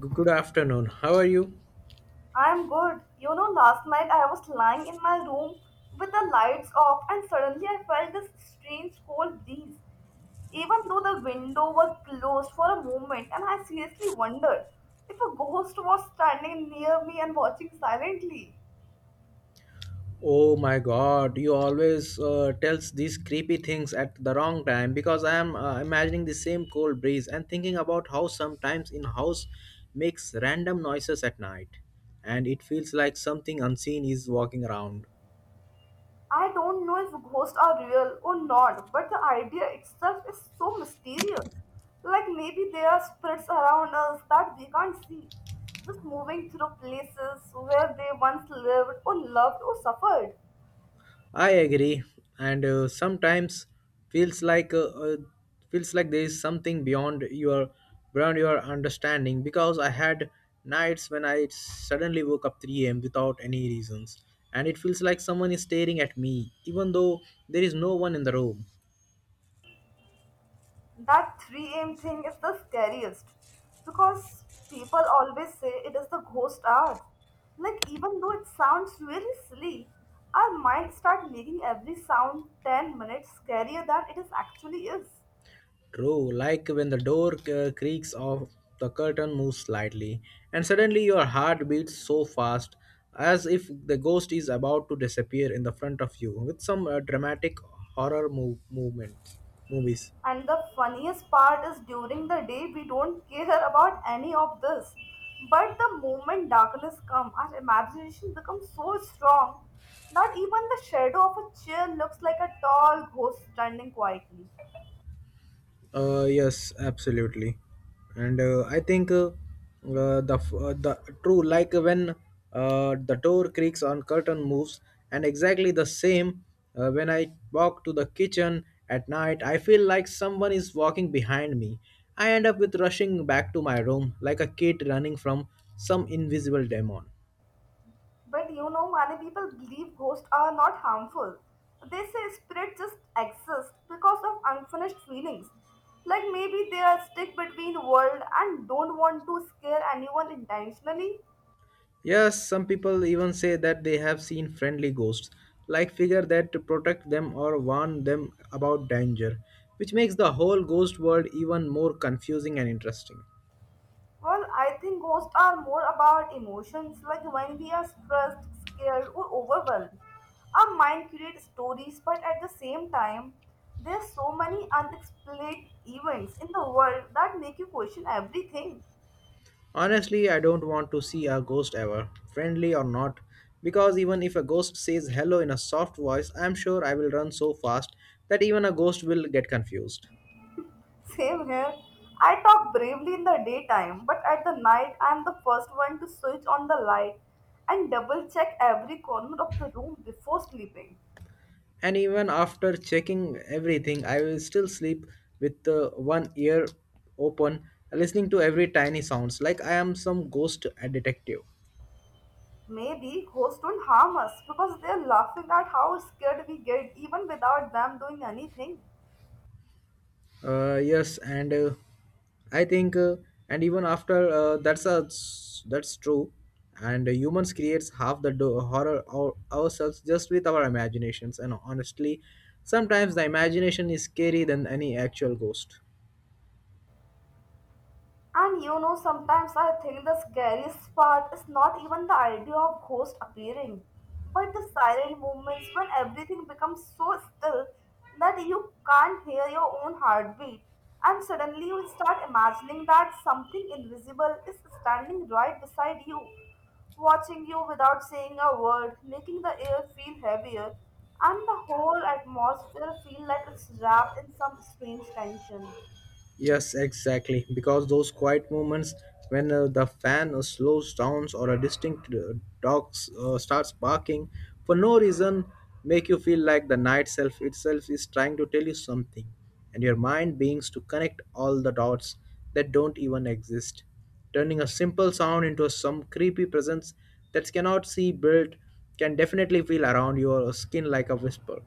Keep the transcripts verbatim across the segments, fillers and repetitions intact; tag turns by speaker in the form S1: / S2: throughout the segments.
S1: G- Good afternoon. How are you?
S2: I'm good. You know, last night I was lying in my room with the lights off, and suddenly I felt this strange cold breeze, even though the window was closed for a moment, and I seriously wondered if a ghost was standing near me and watching silently.
S1: Oh my God! You always uh, tells these creepy things at the wrong time because I am uh, imagining the same cold breeze and thinking about how sometimes in house makes random noises at night, and it feels like something unseen is walking around.
S2: I don't know if ghosts are real or not, but the idea itself is so mysterious. Like maybe there are spirits around us that we can't see, just moving through places where they once lived or loved or suffered.
S1: I agree, and uh, sometimes feels like uh, uh, feels like there is something beyond your beyond your understanding. Because I had nights when I suddenly woke up three a m without any reasons, and it feels like someone is staring at me, even though there is no one in the room.
S2: That three a m thing is the scariest because people always say it is the ghost hour. Like even though it sounds really silly, our minds start making every sound ten minutes scarier than it is actually is.
S1: True, like when the door uh, creaks off, the curtain moves slightly, and suddenly your heart beats so fast as if the ghost is about to disappear in the front of you with some uh, dramatic horror move- movements, movies.
S2: And the funniest part is during the day we don't care about any of this. But the moment darkness comes, our imagination becomes so strong that even the shadow of a chair looks like a tall ghost standing quietly.
S1: Uh, yes, absolutely, and uh, I think uh, uh, the f- uh, the true like uh, when uh, the door creaks on curtain moves, and exactly the same uh, when I walk to the kitchen at night, I feel like someone is walking behind me. I end up with rushing back to my room like a kid running from some invisible demon.
S2: But you know, many people believe ghosts are not harmful. They say spirits just exist because of unfinished feelings. Like maybe they are stuck between world and don't want to scare anyone intentionally.
S1: Yes, some people even say that they have seen friendly ghosts, like figure that to protect them or warn them about danger, which makes the whole ghost world even more confusing and interesting.
S2: Well, I think ghosts are more about emotions, like when we are stressed, scared, or overwhelmed. Our mind creates stories, but at the same time, there's so many unexplained events in the world that make you question everything.
S1: Honestly, I don't want to see a ghost ever, friendly or not, because even if a ghost says hello in a soft voice, I'm sure I will run so fast that even a ghost will get confused.
S2: Same here. I talk bravely in the daytime, but at the night, I'm the first one to switch on the light and double check every corner of the room before sleeping.
S1: And even after checking everything I will still sleep with uh, one ear open listening to every tiny sounds like I am some ghost uh, detective.
S2: Maybe ghosts don't harm us because they're laughing at how scared we get even without them doing anything.
S1: Uh, yes, and uh, I think uh, and even after uh, that's a that's true. And uh, humans creates half the do- horror our, ourselves just with our imaginations. And honestly, sometimes the imagination is scary than any actual ghost.
S2: And you know, sometimes I think the scariest part is not even the idea of ghosts appearing, but the silent moments when everything becomes so still that you can't hear your own heartbeat, and suddenly you start imagining that something invisible is standing right beside you, watching you without saying a word, making the air feel heavier, and the whole atmosphere feel like it's wrapped in some strange tension.
S1: Yes, exactly. Because those quiet moments when uh, the fan uh, slows down or a distinct uh, dog s- uh, starts barking for no reason make you feel like the night self itself is trying to tell you something, and your mind begins to connect all the dots that don't even exist, turning a simple sound into some creepy presence that cannot see built, can definitely feel around your skin like a whisper.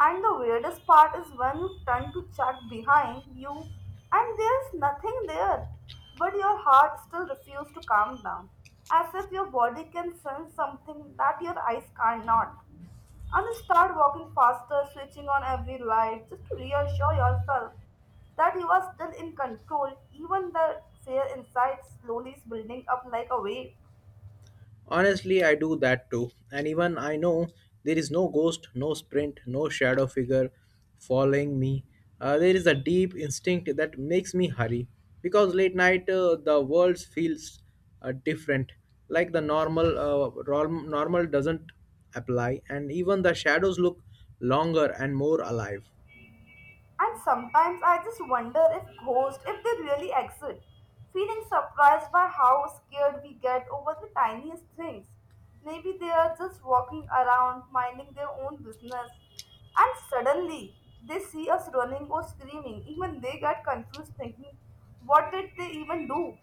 S2: And the weirdest part is when you turn to check behind you and there's nothing there, but your heart still refuses to calm down, as if your body can sense something that your eyes cannot. And you start walking faster, switching on every light just to reassure yourself that you are still in control, even the fear inside slowly is building up like a wave.
S1: Honestly, I do that too. And even I know there is no ghost, no sprint, no shadow figure following me. Uh, there is a deep instinct that makes me hurry because late night uh, the world feels uh, different. Like the normal, uh, norm- normal doesn't apply, and even the shadows look longer and more alive.
S2: And sometimes I just wonder if ghosts, if they really exist, feeling surprised by how scared we get over the tiniest things. Maybe they are just walking around, minding their own business, and suddenly they see us running or screaming. Even they get confused thinking, what did they even do?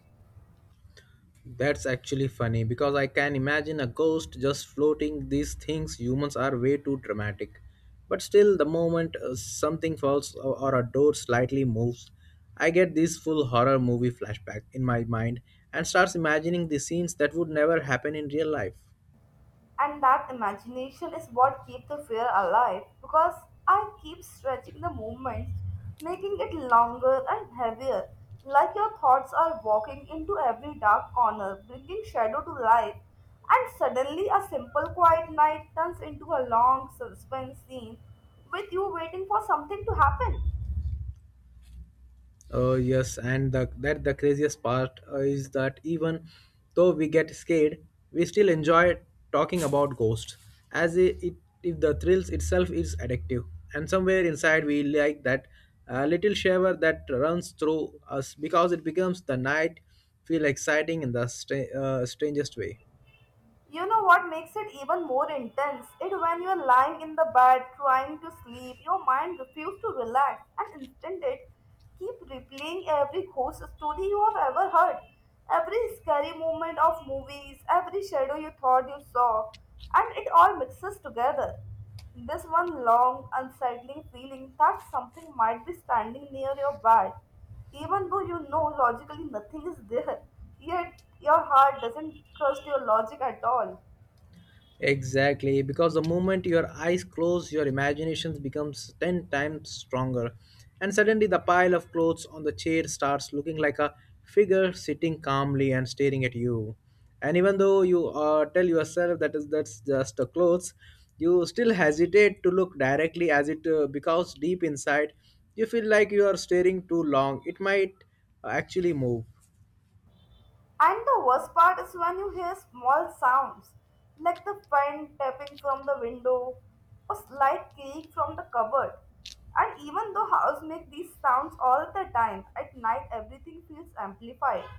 S1: That's actually funny because I can imagine a ghost just floating these things. Humans are way too dramatic. But still, the moment uh, something falls or, or a door slightly moves, I get this full horror movie flashback in my mind and starts imagining the scenes that would never happen in real life.
S2: And that imagination is what keeps the fear alive because I keep stretching the movements, making it longer and heavier, like your thoughts are walking into every dark corner, bringing shadow to light. And suddenly, a simple quiet night turns into a long suspense scene with you waiting for something to happen.
S1: Uh, yes, and the, that the craziest part uh, is that even though we get scared, we still enjoy talking about ghosts, as i- it, if the thrills itself is addictive. And somewhere inside, we like that uh, little shiver that runs through us because it becomes the night feel exciting in the stra- uh, strangest way.
S2: You know what makes it even more intense? It when you're lying in the bed trying to sleep, your mind refuses to relax and instead it keep replaying every ghost story you have ever heard, every scary moment of movies, every shadow you thought you saw, and it all mixes together. This one long, unsettling feeling that something might be standing near your bed even though you know logically nothing is there, yet your heart doesn't trust your logic at all.
S1: Exactly, because the moment your eyes close, your imagination becomes ten times stronger. And suddenly, the pile of clothes on the chair starts looking like a figure sitting calmly and staring at you. And even though you uh, tell yourself that is that's just a clothes, you still hesitate to look directly as it uh, because deep inside you feel like you are staring too long. It might uh, actually move.
S2: And the worst part is when you hear small sounds like the fan tapping from the window or slight creak from the cupboard. And even though house make these sounds all the time, at night everything feels amplified.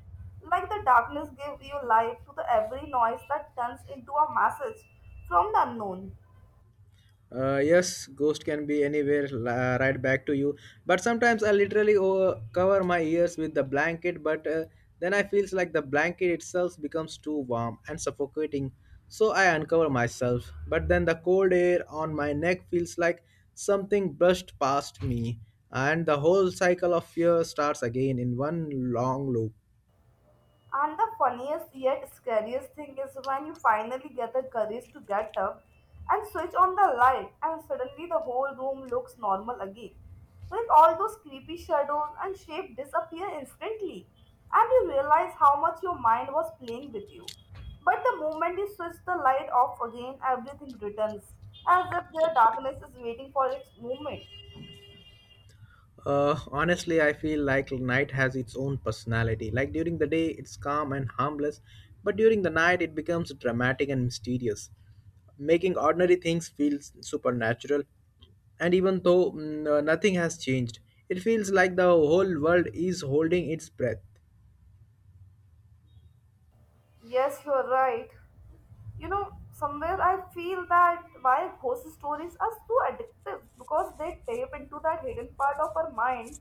S2: Like the darkness gave you life to the every noise that turns into a message from the unknown.
S1: Uh, yes, ghost can be anywhere, la- right back to you. But sometimes I literally over- cover my ears with the blanket, but uh, then I feels like the blanket itself becomes too warm and suffocating, so I uncover myself. But then the cold air on my neck feels like something brushed past me, and the whole cycle of fear starts again in one long loop.
S2: And the funniest yet scariest thing is when you finally get the courage to get up and switch on the light, and suddenly the whole room looks normal again. Like all those creepy shadows and shapes disappear instantly, and you realize how much your mind was playing with you. But the moment you switch the light off again, everything returns, as if the darkness is waiting for its moment.
S1: Uh, honestly, I feel like night has its own personality. Like during the day, it's calm and harmless, but during the night, it becomes dramatic and mysterious, making ordinary things feel supernatural. And even though mm, uh, nothing has changed, it feels like the whole world is holding its breath.
S2: Yes, you're right. You know, somewhere I feel that why ghost stories are so addictive because they tap into that hidden part of our mind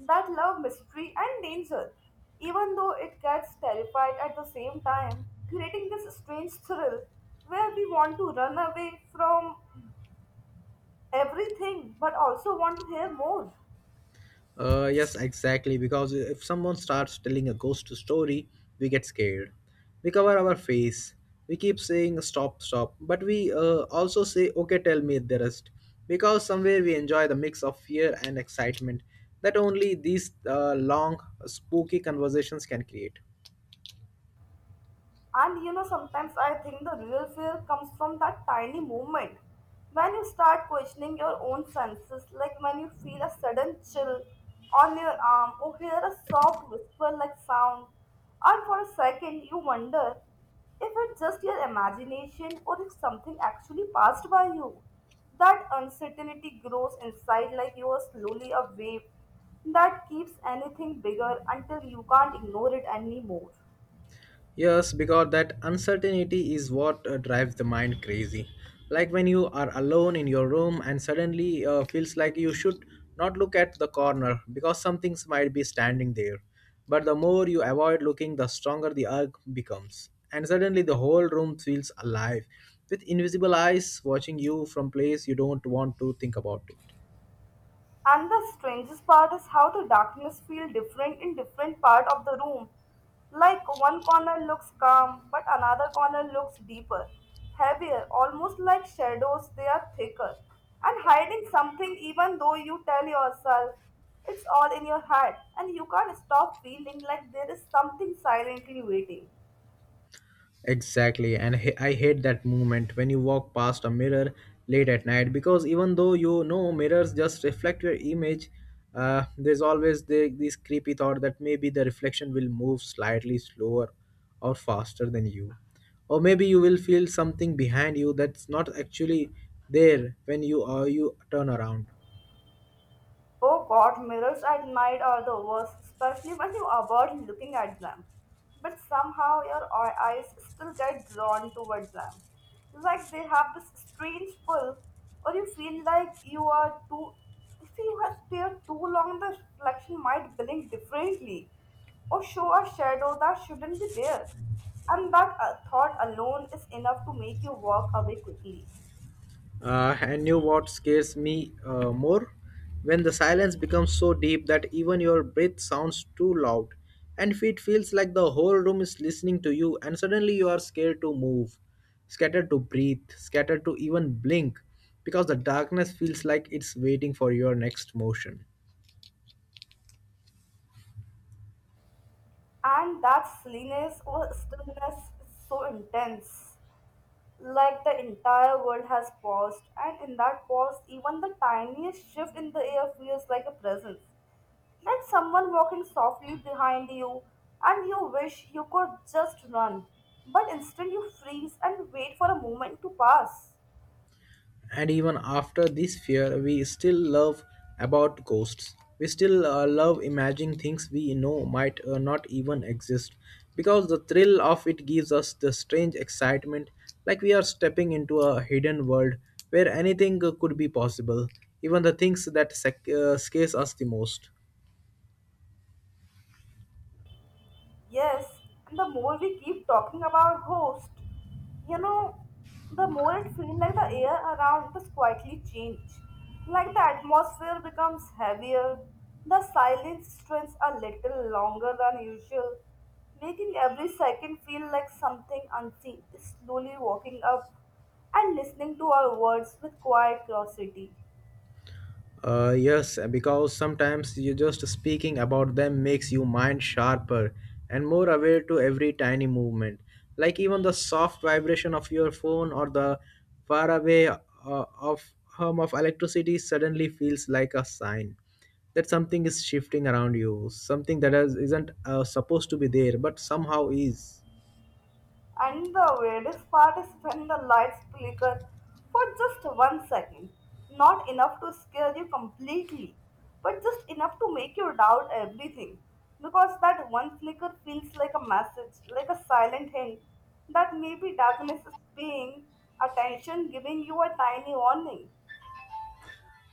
S2: that love mystery and danger, even though it gets terrified at the same time, creating this strange thrill where we want to run away from everything but also want to hear more.
S1: Uh, yes, exactly. Because if someone starts telling a ghost story, we get scared. We cover our face. We keep saying stop, stop. But we uh, also say, okay, tell me the rest. Because somewhere we enjoy the mix of fear and excitement that only these uh, long, spooky conversations can create.
S2: And you know, sometimes I think the real fear comes from that tiny moment when you start questioning your own senses, like when you feel a sudden chill on your arm or hear a soft whisper like sound, and for a second you wonder if it's just your imagination or if something actually passed by you. That uncertainty grows inside like you are slowly a wave that keeps anything bigger until you can't ignore it anymore.
S1: Yes, because that uncertainty is what uh, drives the mind crazy. Like when you are alone in your room and suddenly uh, feels like you should not look at the corner because something might be standing there. But the more you avoid looking, the stronger the urge becomes. And suddenly the whole room feels alive with invisible eyes watching you from place you don't want to think about it.
S2: And the strangest part is how the darkness feels different in different part of the room. Like one corner looks calm, but another corner looks deeper, heavier, almost like shadows, they are thicker. And hiding something even though you tell yourself it's all in your head and you can't stop feeling like there is something silently waiting.
S1: Exactly, and he- I hate that moment when you walk past a mirror late at night because even though you know mirrors just reflect your image, uh, there's always the, this creepy thought that maybe the reflection will move slightly slower or faster than you, or maybe you will feel something behind you that's not actually there when you uh, you turn around.
S2: Oh god, mirrors at night are the worst, especially when you avoid looking at them. But somehow your eye- eyes still get drawn toward them. Like they have this strange pull, or you feel like you are too. If you have stared too long, the reflection might blink differently, or show a shadow that shouldn't be there. And that uh, thought alone is enough to make you walk away quickly.
S1: Uh, and you what scares me uh, more? When the silence becomes so deep that even your breath sounds too loud, and it feels like the whole room is listening to you, and suddenly you are scared to move, scared to breathe, scared to even blink, because the darkness feels like it's waiting for your next motion.
S2: And that silliness or stillness is so intense. Like the entire world has paused, and in that pause, even the tiniest shift in the air feels like a presence. Like someone walking softly behind you, and you wish you could just run, but instead you freeze and wait for a moment to pass.
S1: And even after this fear we still love about ghosts. We still uh, love imagining things we know might uh, not even exist because the thrill of it gives us the strange excitement, like we are stepping into a hidden world where anything uh, could be possible, even the things that sec- uh, scares us the most.
S2: Yes, and the more we keep talking about ghosts, you know, the more it feels like the air around us quietly change. Like the atmosphere becomes heavier, the silence stretches a little longer than usual, making every second feel like something unseen is slowly walking up and listening to our words with quiet curiosity.
S1: Uh, yes, because sometimes you just speaking about them makes you mind sharper and more aware to every tiny movement, like even the soft vibration of your phone or the faraway uh, of hum of electricity suddenly feels like a sign that something is shifting around you, something that is, isn't uh, supposed to be there but somehow is.
S2: And the weirdest part is when the lights flicker for just one second. Not enough to scare you completely, but just enough to make you doubt everything. Because that one flicker feels like a message, like a silent hint that maybe darkness is paying attention, giving you a tiny warning.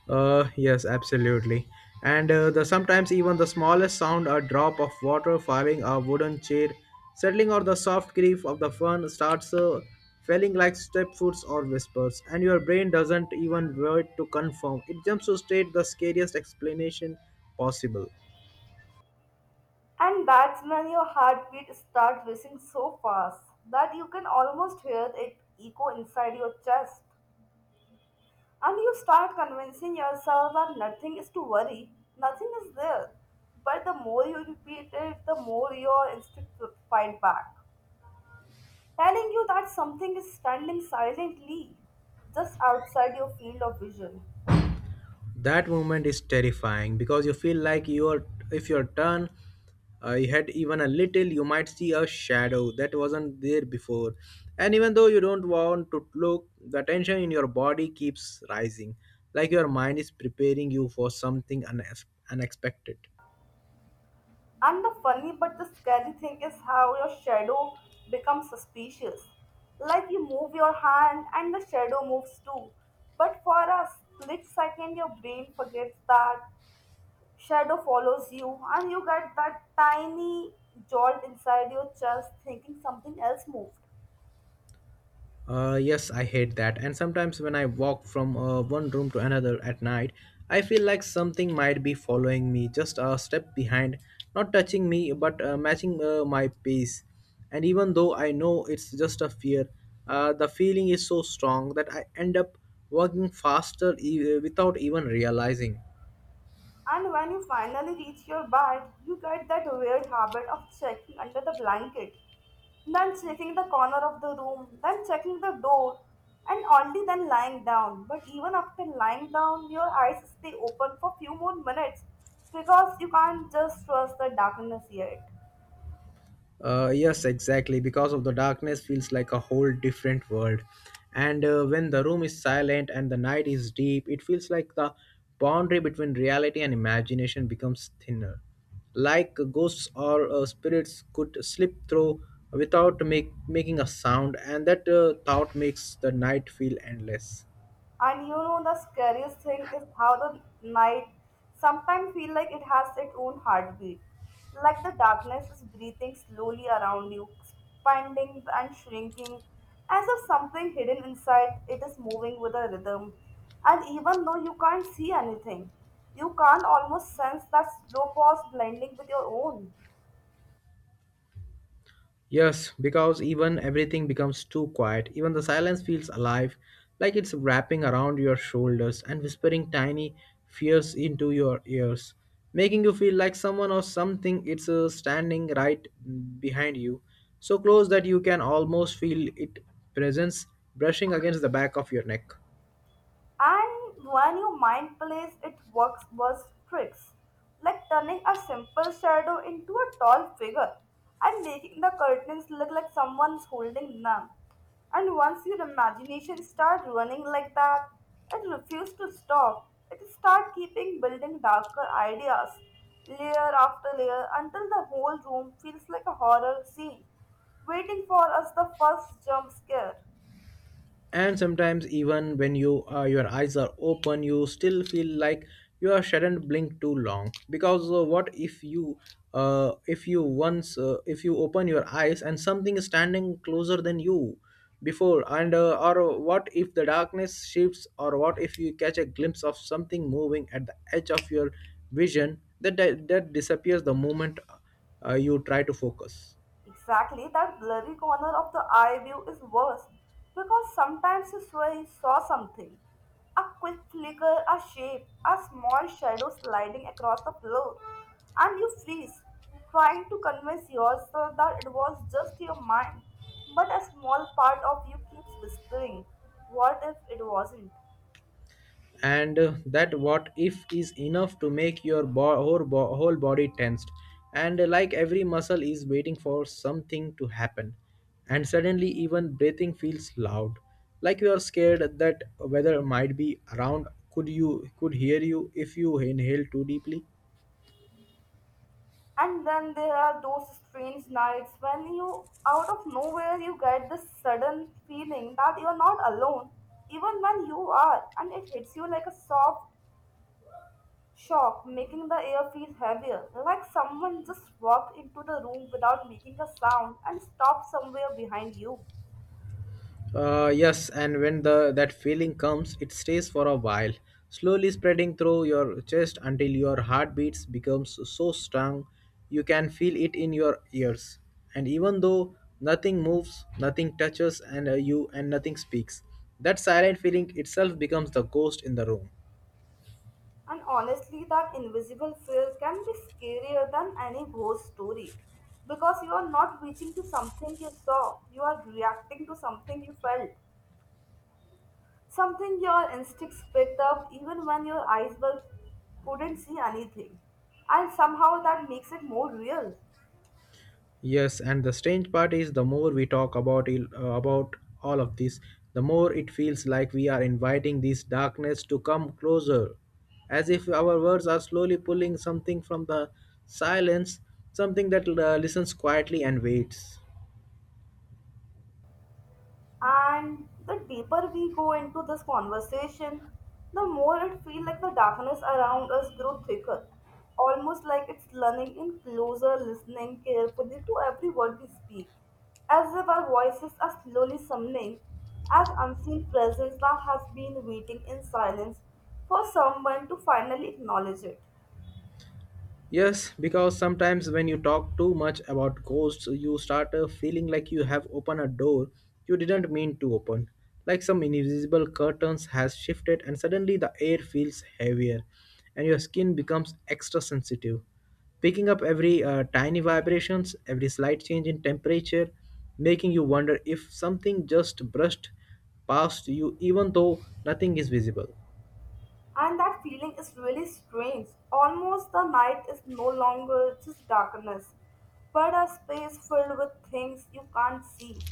S1: Uh, yes, absolutely. And uh, the sometimes even the smallest sound, a drop of water falling, a wooden chair settling, or the soft grief of the fern starts uh, falling like step foots or whispers, and your brain doesn't even wait to confirm. It jumps to state the scariest explanation possible.
S2: And that's when your heartbeat starts racing so fast that you can almost hear it echo inside your chest. And you start convincing yourself that nothing is to worry, nothing is there. But the more you repeat it, the more your instinct will fight back, telling you that something is standing silently just outside your field of vision.
S1: That moment is terrifying because you feel like you're if you turn uh, you had even a little you might see a shadow that wasn't there before, and even though you don't want to look the tension in your body keeps rising like your mind is preparing you for something unex- unexpected.
S2: And the funny but the scary thing is how your shadow becomes suspicious. Like you move your hand and the shadow moves too. But for a split second, your brain forgets that shadow follows you and you get that tiny jolt inside your chest thinking something else moved.
S1: Uh, yes, I hate that. And sometimes when I walk from uh, one room to another at night, I feel like something might be following me just a step behind, not touching me but uh, matching uh, my pace. And even though I know it's just a fear, uh, the feeling is so strong that I end up walking faster e- without even realizing.
S2: And when you finally reach your bed, you get that weird habit of checking under the blanket, then checking the corner of the room, then checking the door, and only then lying down. But even after lying down, your eyes stay open for few more minutes because you can't just trust the darkness yet.
S1: Uh, yes, exactly. Because of the darkness feels like a whole different world. And uh, when the room is silent and the night is deep, it feels like the boundary between reality and imagination becomes thinner. Like ghosts or uh, spirits could slip through without make, making a sound, and that uh, thought makes the night feel endless.
S2: And you know the scariest thing is how the night sometimes feel like it has its own heartbeat. Like the darkness is breathing slowly around you, expanding and shrinking, as if something hidden inside it is moving with a rhythm. And even though you can't see anything, you can't almost sense that slow pause blending with your own.
S1: Yes, because even everything becomes too quiet, even the silence feels alive, like it's wrapping around your shoulders and whispering tiny fears into your ears, making you feel like someone or something it's uh, standing right behind you, so close that you can almost feel its presence brushing against the back of your neck.
S2: And when your mind plays it works worst tricks, like turning a simple shadow into a tall figure and making the curtains look like someone's holding them. And once your imagination starts running like that, it refuses to stop. It starts keeping building darker ideas, layer after layer, until the whole room feels like a horror scene, waiting for us the first jump scare.
S1: And sometimes even when you uh, your eyes are open, you still feel like you are shouldn't blink too long because uh, what if you uh, if you once uh, if you open your eyes and something is standing closer than you before, and uh, or what if the darkness shifts, or what if you catch a glimpse of something moving at the edge of your vision that that, disappears the moment uh, you try to focus.
S2: Exactly, that blurry corner of the eye view is worse because sometimes you swear you saw something. A quick flicker, a shape, a small shadow sliding across the floor, and you freeze, trying to convince yourself that it was just your mind. But a small part of you keeps whispering, what if it wasn't?
S1: And uh, that what if is enough to make your bo- whole, bo- whole body tensed, and uh, like every muscle is waiting for something to happen, and suddenly even breathing feels loud, like you are scared that weather might be around, could you could hear you if you inhale too deeply.
S2: And then there are those strange nights when you, out of nowhere, you get this sudden feeling that you are not alone, even when you are, and it hits you like a soft shock, making the air feel heavier, like someone just walked into the room without making a sound and stopped somewhere behind you.
S1: Uh, yes, and when the that feeling comes, it stays for a while, slowly spreading through your chest until your heartbeats becomes so strong you can feel it in your ears. And even though nothing moves, nothing touches, and uh, you and nothing speaks, that silent feeling itself becomes the ghost in the room.
S2: And honestly, that invisible fear can be scarier than any ghost story because you are not reaching to something you saw, you are reacting to something you felt. Something your instincts picked up even when your eyes were, couldn't see anything. And somehow that makes it more real.
S1: Yes, and the strange part is the more we talk about il- uh, about all of this, the more it feels like we are inviting this darkness to come closer, as if our words are slowly pulling something from the silence, something that uh, listens quietly and waits.
S2: And the deeper we go into this conversation, the more it feels like the darkness around us grows thicker. Almost like it's learning in closer listening carefully to every word we speak. As if our voices are slowly summoning as unseen presence that has been waiting in silence for someone to finally acknowledge it.
S1: Yes, because sometimes when you talk too much about ghosts, you start uh, feeling like you have opened a door you didn't mean to open. Like some invisible curtains has shifted and suddenly the air feels heavier and your skin becomes extra sensitive. Picking up every uh, tiny vibrations, every slight change in temperature, making you wonder if something just brushed past you even though nothing is visible.
S2: And that feeling is really strange. Almost the night is no longer just darkness, but a space filled with things you can't see.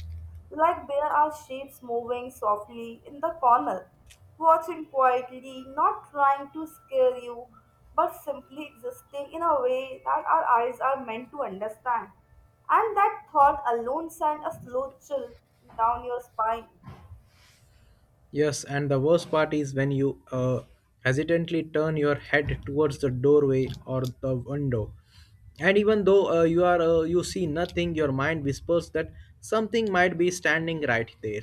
S2: Like there are shapes moving softly in the corner, watching quietly, not trying to scare you, but simply existing in a way that our eyes are meant to understand. And that thought alone sent a slow chill down your spine.
S1: Yes, and the worst part is when you uh, hesitantly turn your head towards the doorway or the window. And even though uh, you are uh, you see nothing, your mind whispers that something might be standing right there,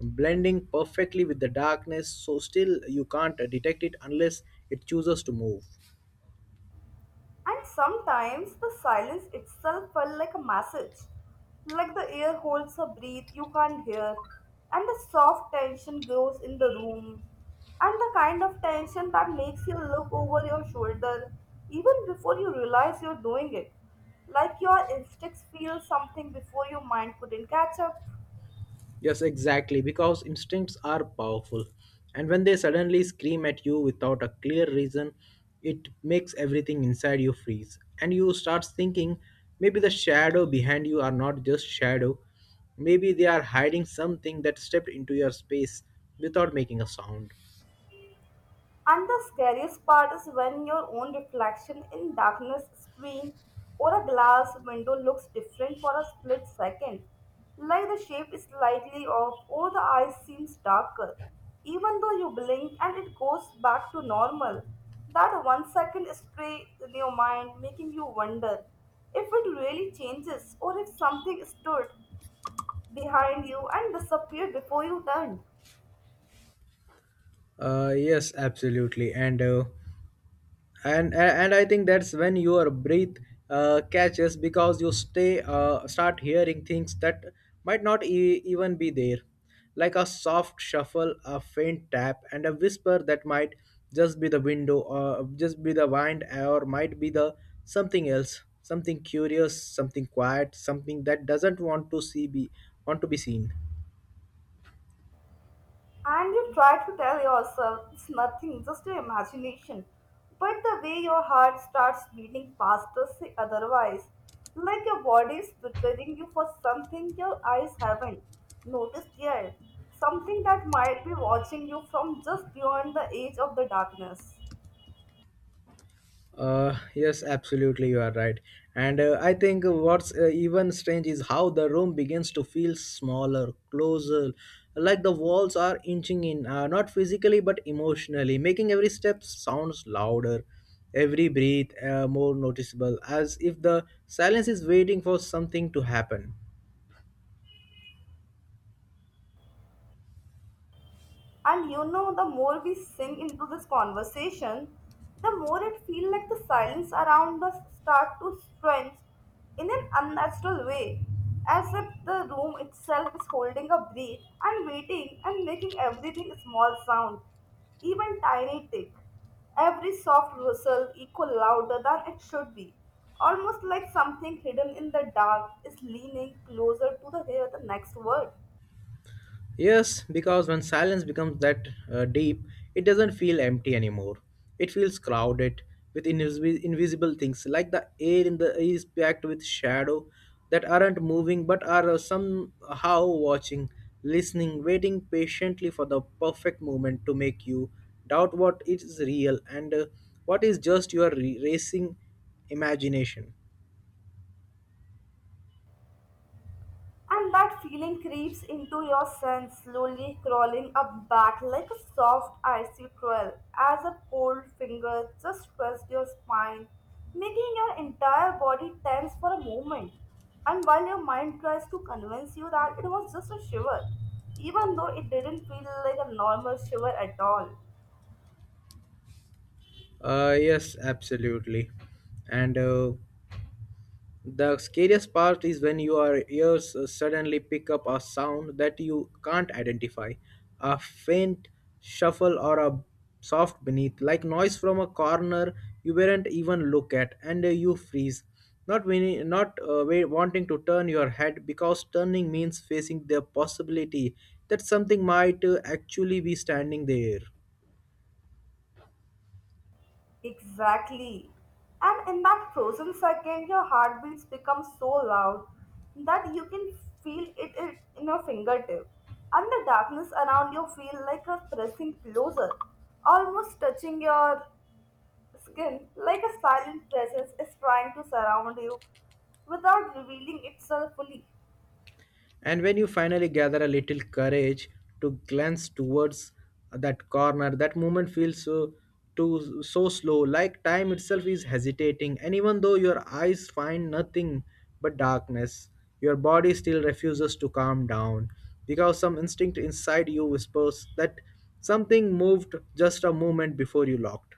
S1: blending perfectly with the darkness, so still you can't detect it unless it chooses to move.
S2: And sometimes the silence itself felt like a message, like the air holds a breath you can't hear, and the soft tension grows in the room, and the kind of tension that makes you look over your shoulder even before you realize you're doing it, like your instincts feel something before your mind couldn't catch up.
S1: Yes, exactly, because instincts are powerful. And when they suddenly scream at you without a clear reason, it makes everything inside you freeze. And you start thinking maybe the shadow behind you are not just shadow, maybe they are hiding something that stepped into your space without making a sound.
S2: And the scariest part is when your own reflection in darkness screen or a glass window looks different for a split second. Like the shape is slightly off or the eye seems darker. Even though you blink and it goes back to normal. That one second stray in your mind making you wonder if it really changes or if something stood behind you and disappeared before you turned.
S1: Uh, yes, absolutely. And uh, and a- and I think that's when your breath uh, catches because you stay uh, start hearing things that might not e- even be there, like a soft shuffle, a faint tap, and a whisper that might just be the window or just be the wind, or might be the something else, something curious, something quiet, something that doesn't want to see be want to be seen.
S2: And you try to tell yourself it's nothing, just your imagination. But the way your heart starts beating faster, say otherwise. Like your body is preparing you for something your eyes haven't noticed yet. Something that might be watching you from just beyond the edge of the darkness.
S1: Uh, yes, absolutely, you are right. And uh, I think what's uh, even strange is how the room begins to feel smaller, closer, like the walls are inching in, uh, not physically but emotionally, making every step sounds louder, every breath uh, more noticeable, as if the silence is waiting for something to happen.
S2: And you know, the more we sink into this conversation, the more it feels like the silence around us start to stretch in an unnatural way, as if the room itself is holding a breath and waiting and making everything a small sound, even tiny tick. Every soft rustle echo louder than it should be, almost like something hidden in the dark is leaning closer to the hear the next word.
S1: Yes, because when silence becomes that uh, deep, it doesn't feel empty anymore. It feels crowded with invis- invisible things, like the air in the is packed with shadow that aren't moving but are uh, somehow watching, listening, waiting patiently for the perfect moment to make you doubt what is real, and uh, what is just your re- racing imagination.
S2: And that feeling creeps into your sense, slowly crawling up back like a soft icy trail as a cold finger just pressed your spine, making your entire body tense for a moment. And while your mind tries to convince you that it was just a shiver, even though it didn't feel like a normal shiver at all.
S1: Uh, yes, absolutely. And uh, the scariest part is when your ears uh, suddenly pick up a sound that you can't identify, a faint shuffle or a soft beneath, like noise from a corner you weren't even look at, and uh, you freeze. Not when, not uh, wa- wanting to turn your head because turning means facing the possibility that something might uh, actually be standing there.
S2: Exactly. And in that frozen second, your heartbeats become so loud that you can feel it in in your fingertip. And the darkness around you feel like it's pressing closer, almost touching your skin, like a silent presence is trying to surround you without revealing itself fully.
S1: And when you finally gather a little courage to glance towards that corner, that moment feels so too so slow, like time itself is hesitating. And even though your eyes find nothing but darkness, your body still refuses to calm down because some instinct inside you whispers that something moved just a moment before you locked.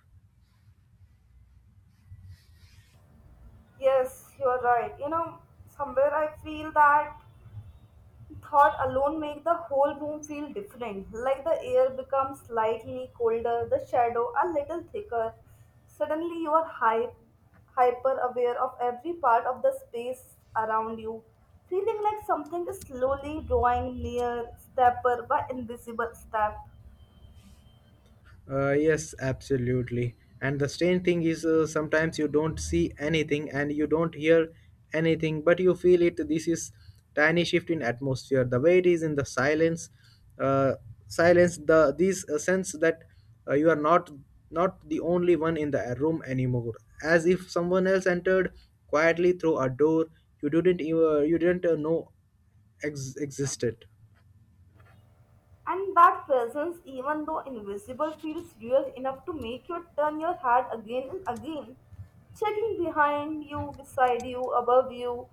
S2: Yes, you are right. You know, somewhere I feel that thought alone make the whole room feel different like the air becomes slightly colder the shadow a little thicker suddenly you are hype, hyper aware of every part of the space around you feeling like something is slowly drawing near step by invisible step.
S1: Uh, yes, absolutely. And the strange thing is, uh, sometimes you don't see anything and you don't hear anything, but you feel it. This is tiny shift in atmosphere. The way it is in the silence, uh, silence. The this uh, sense that uh, you are not not the only one in the uh, room anymore. As if someone else entered quietly through a door you didn't even you didn't uh, know ex- existed.
S2: And that presence, even though invisible, feels real enough to make you turn your head again and again, checking behind you, beside you, above you,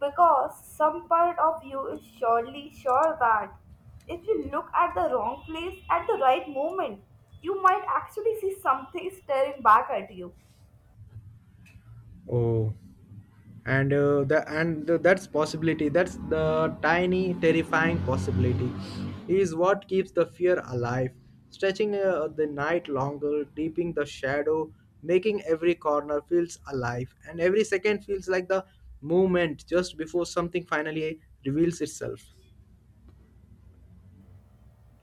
S2: because some part of you is surely sure that if you look at the wrong place at the right moment, you might actually see something staring back at you.
S1: Oh. and uh, the and the, that's possibility that's the tiny terrifying possibility is what keeps the fear alive, stretching uh, the night longer, deeping the shadow, making every corner feels alive and every second feels like the moment just before something finally reveals itself.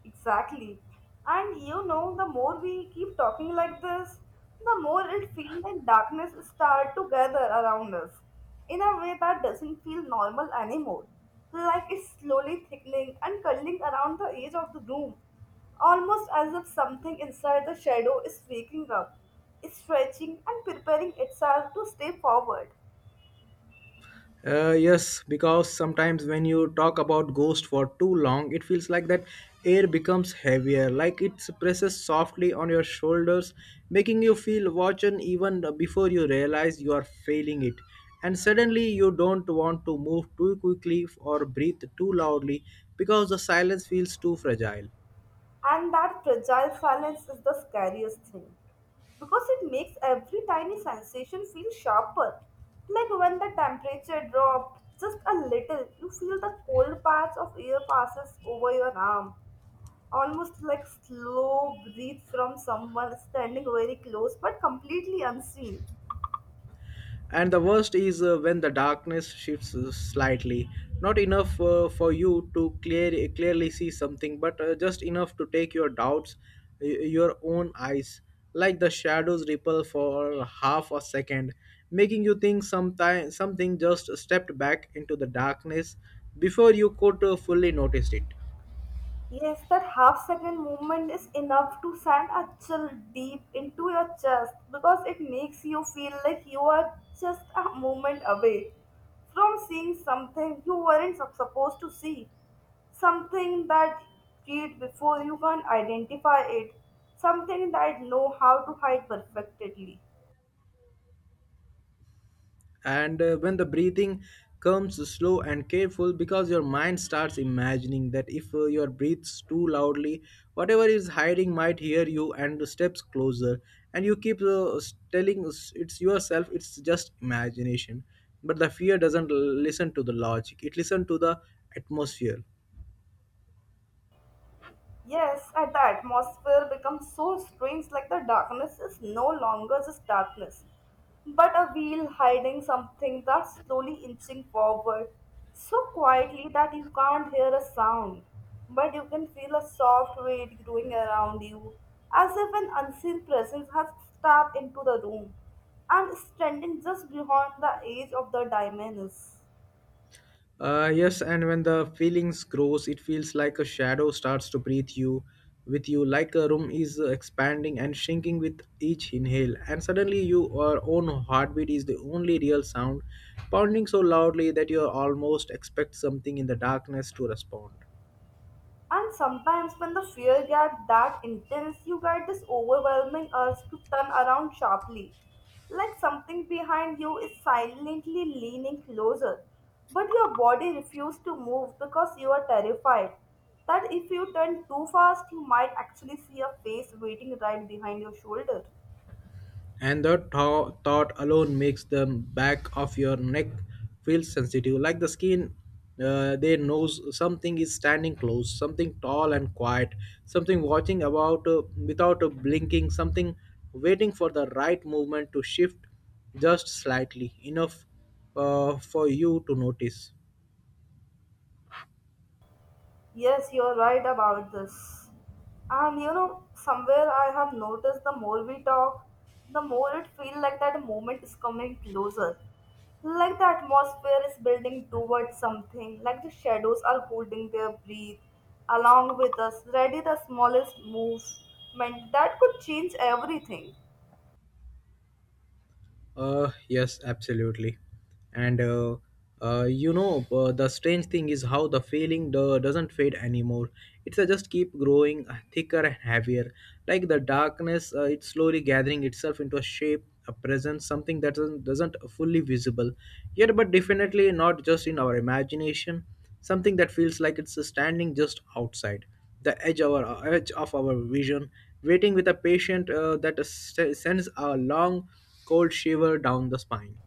S2: Exactly. And you know, the more we keep talking like this, the more it feels like darkness start to gather around us in a way that doesn't feel normal anymore. Like it's slowly thickening and curling around the edge of the room, almost as if something inside the shadow is waking up, stretching and preparing itself to stay forward.
S1: Uh, yes, because sometimes when you talk about ghost for too long, it feels like that air becomes heavier, like it presses softly on your shoulders, making you feel watching even before you realize you are failing it. And suddenly you don't want to move too quickly or breathe too loudly because the silence feels too fragile.
S2: And that fragile silence is the scariest thing because it makes every tiny sensation feel sharper. Like when the temperature drops just a little, you feel the cold patch of air passes over your arm, almost like slow breath from someone standing very close but completely unseen.
S1: And the worst is uh, when the darkness shifts uh, slightly, not enough uh, for you to clear, clearly see something, but uh, just enough to take your doubts, y- your own eyes, like the shadows ripple for half a second, making you think sometime, something just stepped back into the darkness before you could uh, fully notice it.
S2: Yes, that half second movement is enough to send a chill deep into your chest because it makes you feel like you are just a moment away from seeing something you weren't sup- supposed to see, something that read before you can identify it, something that know how to hide perfectly.
S1: and uh, when the breathing comes slow and careful because your mind starts imagining that if uh, your breathes too loudly, whatever is hiding might hear you and steps closer, and you keep uh, s- telling s- it's yourself it's just imagination, but the fear doesn't l- listen to the logic, it listens to the atmosphere.
S2: Yes, at the atmosphere becomes so strange, like the darkness is no longer just darkness, but a wheel hiding something that's slowly inching forward, so quietly that you can't hear a sound, but you can feel a soft weight growing around you, as if an unseen presence has stepped into the room and is standing just beyond the edge of the dimensions.
S1: Uh, yes, and when the feelings grows, it feels like a shadow starts to breathe you with you, like a room is uh, expanding and shrinking with each inhale, and suddenly your own heartbeat is the only real sound, pounding so loudly that you almost expect something in the darkness to respond.
S2: And sometimes, when the fear gets that intense, you get this overwhelming urge to turn around sharply, like something behind you is silently leaning closer. But your body refuses to move because you are terrified that if you turn too fast, you might actually see a face waiting right behind your shoulder.
S1: and that tho- thought alone makes the back of your neck feel sensitive, like the skin uh, they knows something is standing close, something tall and quiet, something watching about uh, without uh, blinking, something waiting for the right movement to shift just slightly enough uh, for you to notice.
S2: Yes, you're right about this. And you know, somewhere I have noticed the more we talk, the more it feels like that moment is coming closer. Like the atmosphere is building towards something, like the shadows are holding their breath along with us, ready the smallest movement that could change everything.
S1: Uh, yes, absolutely. And uh, uh, you know, uh, the strange thing is how the feeling do- doesn't fade anymore. It's uh, just keep growing uh, thicker and heavier. Like the darkness, uh, it's slowly gathering itself into a shape, a presence, something that doesn't, doesn't fully visible yet, but definitely not just in our imagination. Something that feels like it's uh, standing just outside the edge of our edge of our vision, waiting with a patient uh, that uh, sends a long cold shiver down the spine.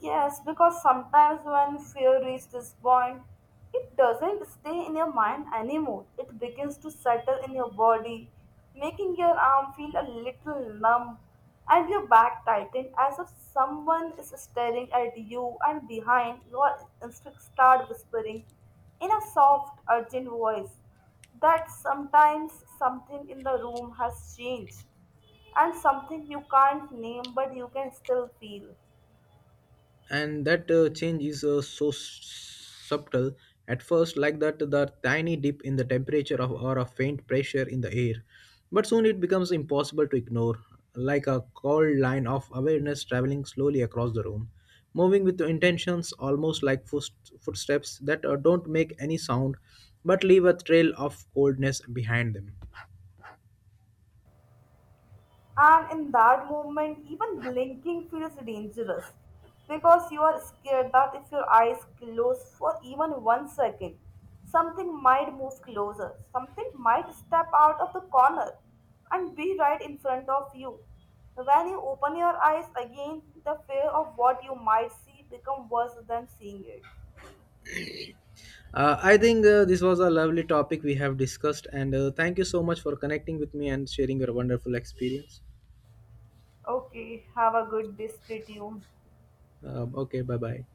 S2: Yes, because sometimes when fear reaches this point, it doesn't stay in your mind anymore. It begins to settle in your body, making your arm feel a little numb and your back tighten as if someone is staring at you and behind your instincts start whispering in a soft, urgent voice that sometimes something in the room has changed and something you can't name but you can still feel.
S1: And that uh, change is uh, so s- subtle at first, like that the tiny dip in the temperature of, or a faint pressure in the air. But soon it becomes impossible to ignore, like a cold line of awareness traveling slowly across the room, moving with intentions almost like foot, footsteps that uh, don't make any sound but leave a trail of coldness behind them.
S2: And in that moment, even blinking feels dangerous because you are scared that if your eyes close for even one second, something might move closer, something might step out of the corner and be right in front of you. When you open your eyes again, the fear of what you might see become worse than seeing it.
S1: Uh, I think uh, this was a lovely topic we have discussed, and uh, thank you so much for connecting with me and sharing your wonderful experience.
S2: Okay, have a good day, stay tuned.
S1: Uh, okay, bye bye.